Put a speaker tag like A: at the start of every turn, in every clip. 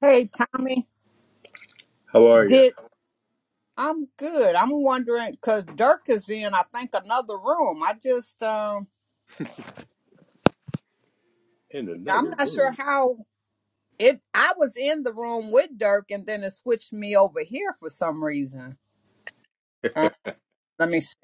A: Hey, Tommy,
B: How are you?
A: did I'm good. I'm wondering because Dirk is in, I think, another room. I just, um,
B: In
A: I'm
B: another
A: not sure
B: room.
A: how it. I was in the room with Dirk, and then it switched me over here for some reason. Uh, let me see.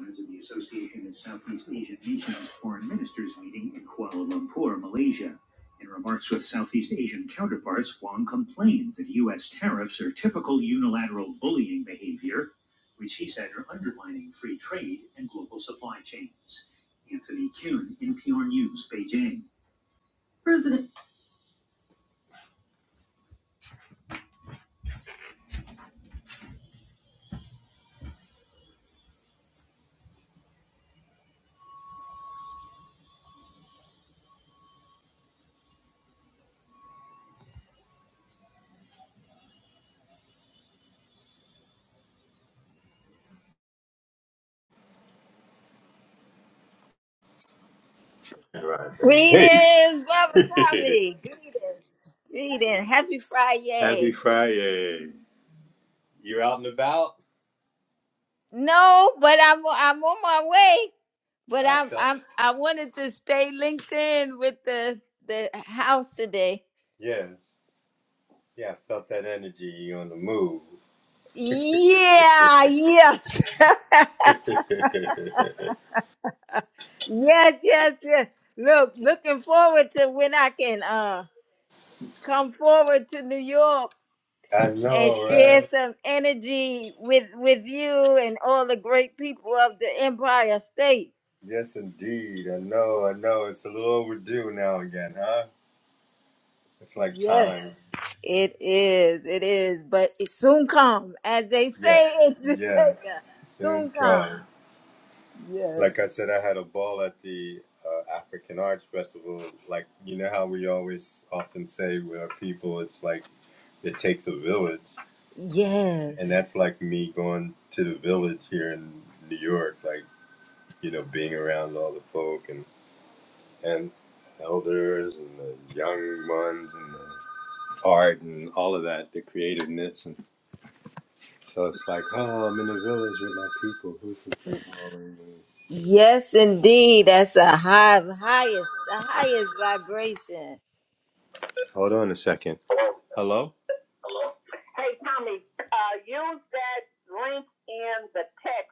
B: members the Association of Southeast Asian Nations Foreign Ministers meeting in Kuala Lumpur, Malaysia. In remarks with Southeast Asian counterparts, Wong complained that U.S. tariffs are typical unilateral bullying behavior, which he said are undermining free trade and global supply chains. Anthony Kuhn, NPR News, Beijing. President. All Right, baby.
C: Greetings, Baba
B: Hey!
C: Tommy. Greetings. Greetings. Happy
B: Happy
C: Friday.
B: Friday. You are out and about?
C: No, but I'm I'm on my way. But
B: I
C: I'm
B: felt,
C: I'm I wanted to stay linked in with the the house today.
B: yeah. Yeah, I felt that energy on the move.
C: Yeah, yes. Yes, yes, yes. Look, looking forward to when I can uh come forward to New York
B: I know,
C: and share
B: right?
C: some energy with with you and all the great people of the Empire State.
B: Yes, indeed. I know, I know. It's a little overdue now again, huh? It's like
C: Yes,
B: time.
C: it is. It is. But it soon comes, as they
B: Yes,
C: say in
B: yes.
C: Jamaica.
B: Soon
C: Soon comes.
B: come.
C: Yes.
B: Like I said, I had a ball at the uh, African Arts Festival. Like, you know how we always often say with our people, it's like it takes a village. And
C: Yes.
B: that's like me going to the village here in New York, like, you know, being around all the folk and and elders and the young ones and the art and all of that, the creativeness. And so it's like, oh, I'm in the village with my people. Who's this? calling me?
C: Yes, indeed. That's a high, highest, the highest vibration.
B: Hold on a second. Hello? Hey, Tommy, uh, use that link in the text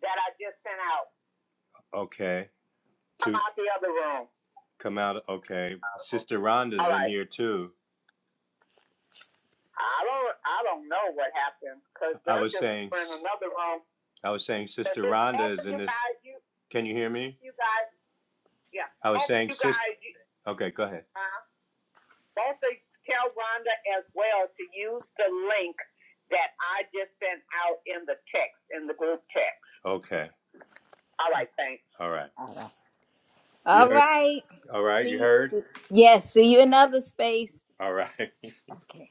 B: that I just sent out. Okay. Come To out the other room. come out, okay. Sister Rhonda's All in right. here too. I don't, I don't know what happened because I was saying, in another room. I was saying, Sister Rhonda is in this. you, Can you hear me? you guys, yeah, I was after saying, you sis. guys, you, Okay, go ahead. uh, both of tell Rhonda as well to use the link that I just sent out in the text, in the group text. Okay, All right, thanks. all right.
C: All right.
B: You
C: All
B: heard?
C: right.
B: All right, you
C: See,
B: heard?
C: see. Yes. See you in another space.
B: All right.
C: Okay.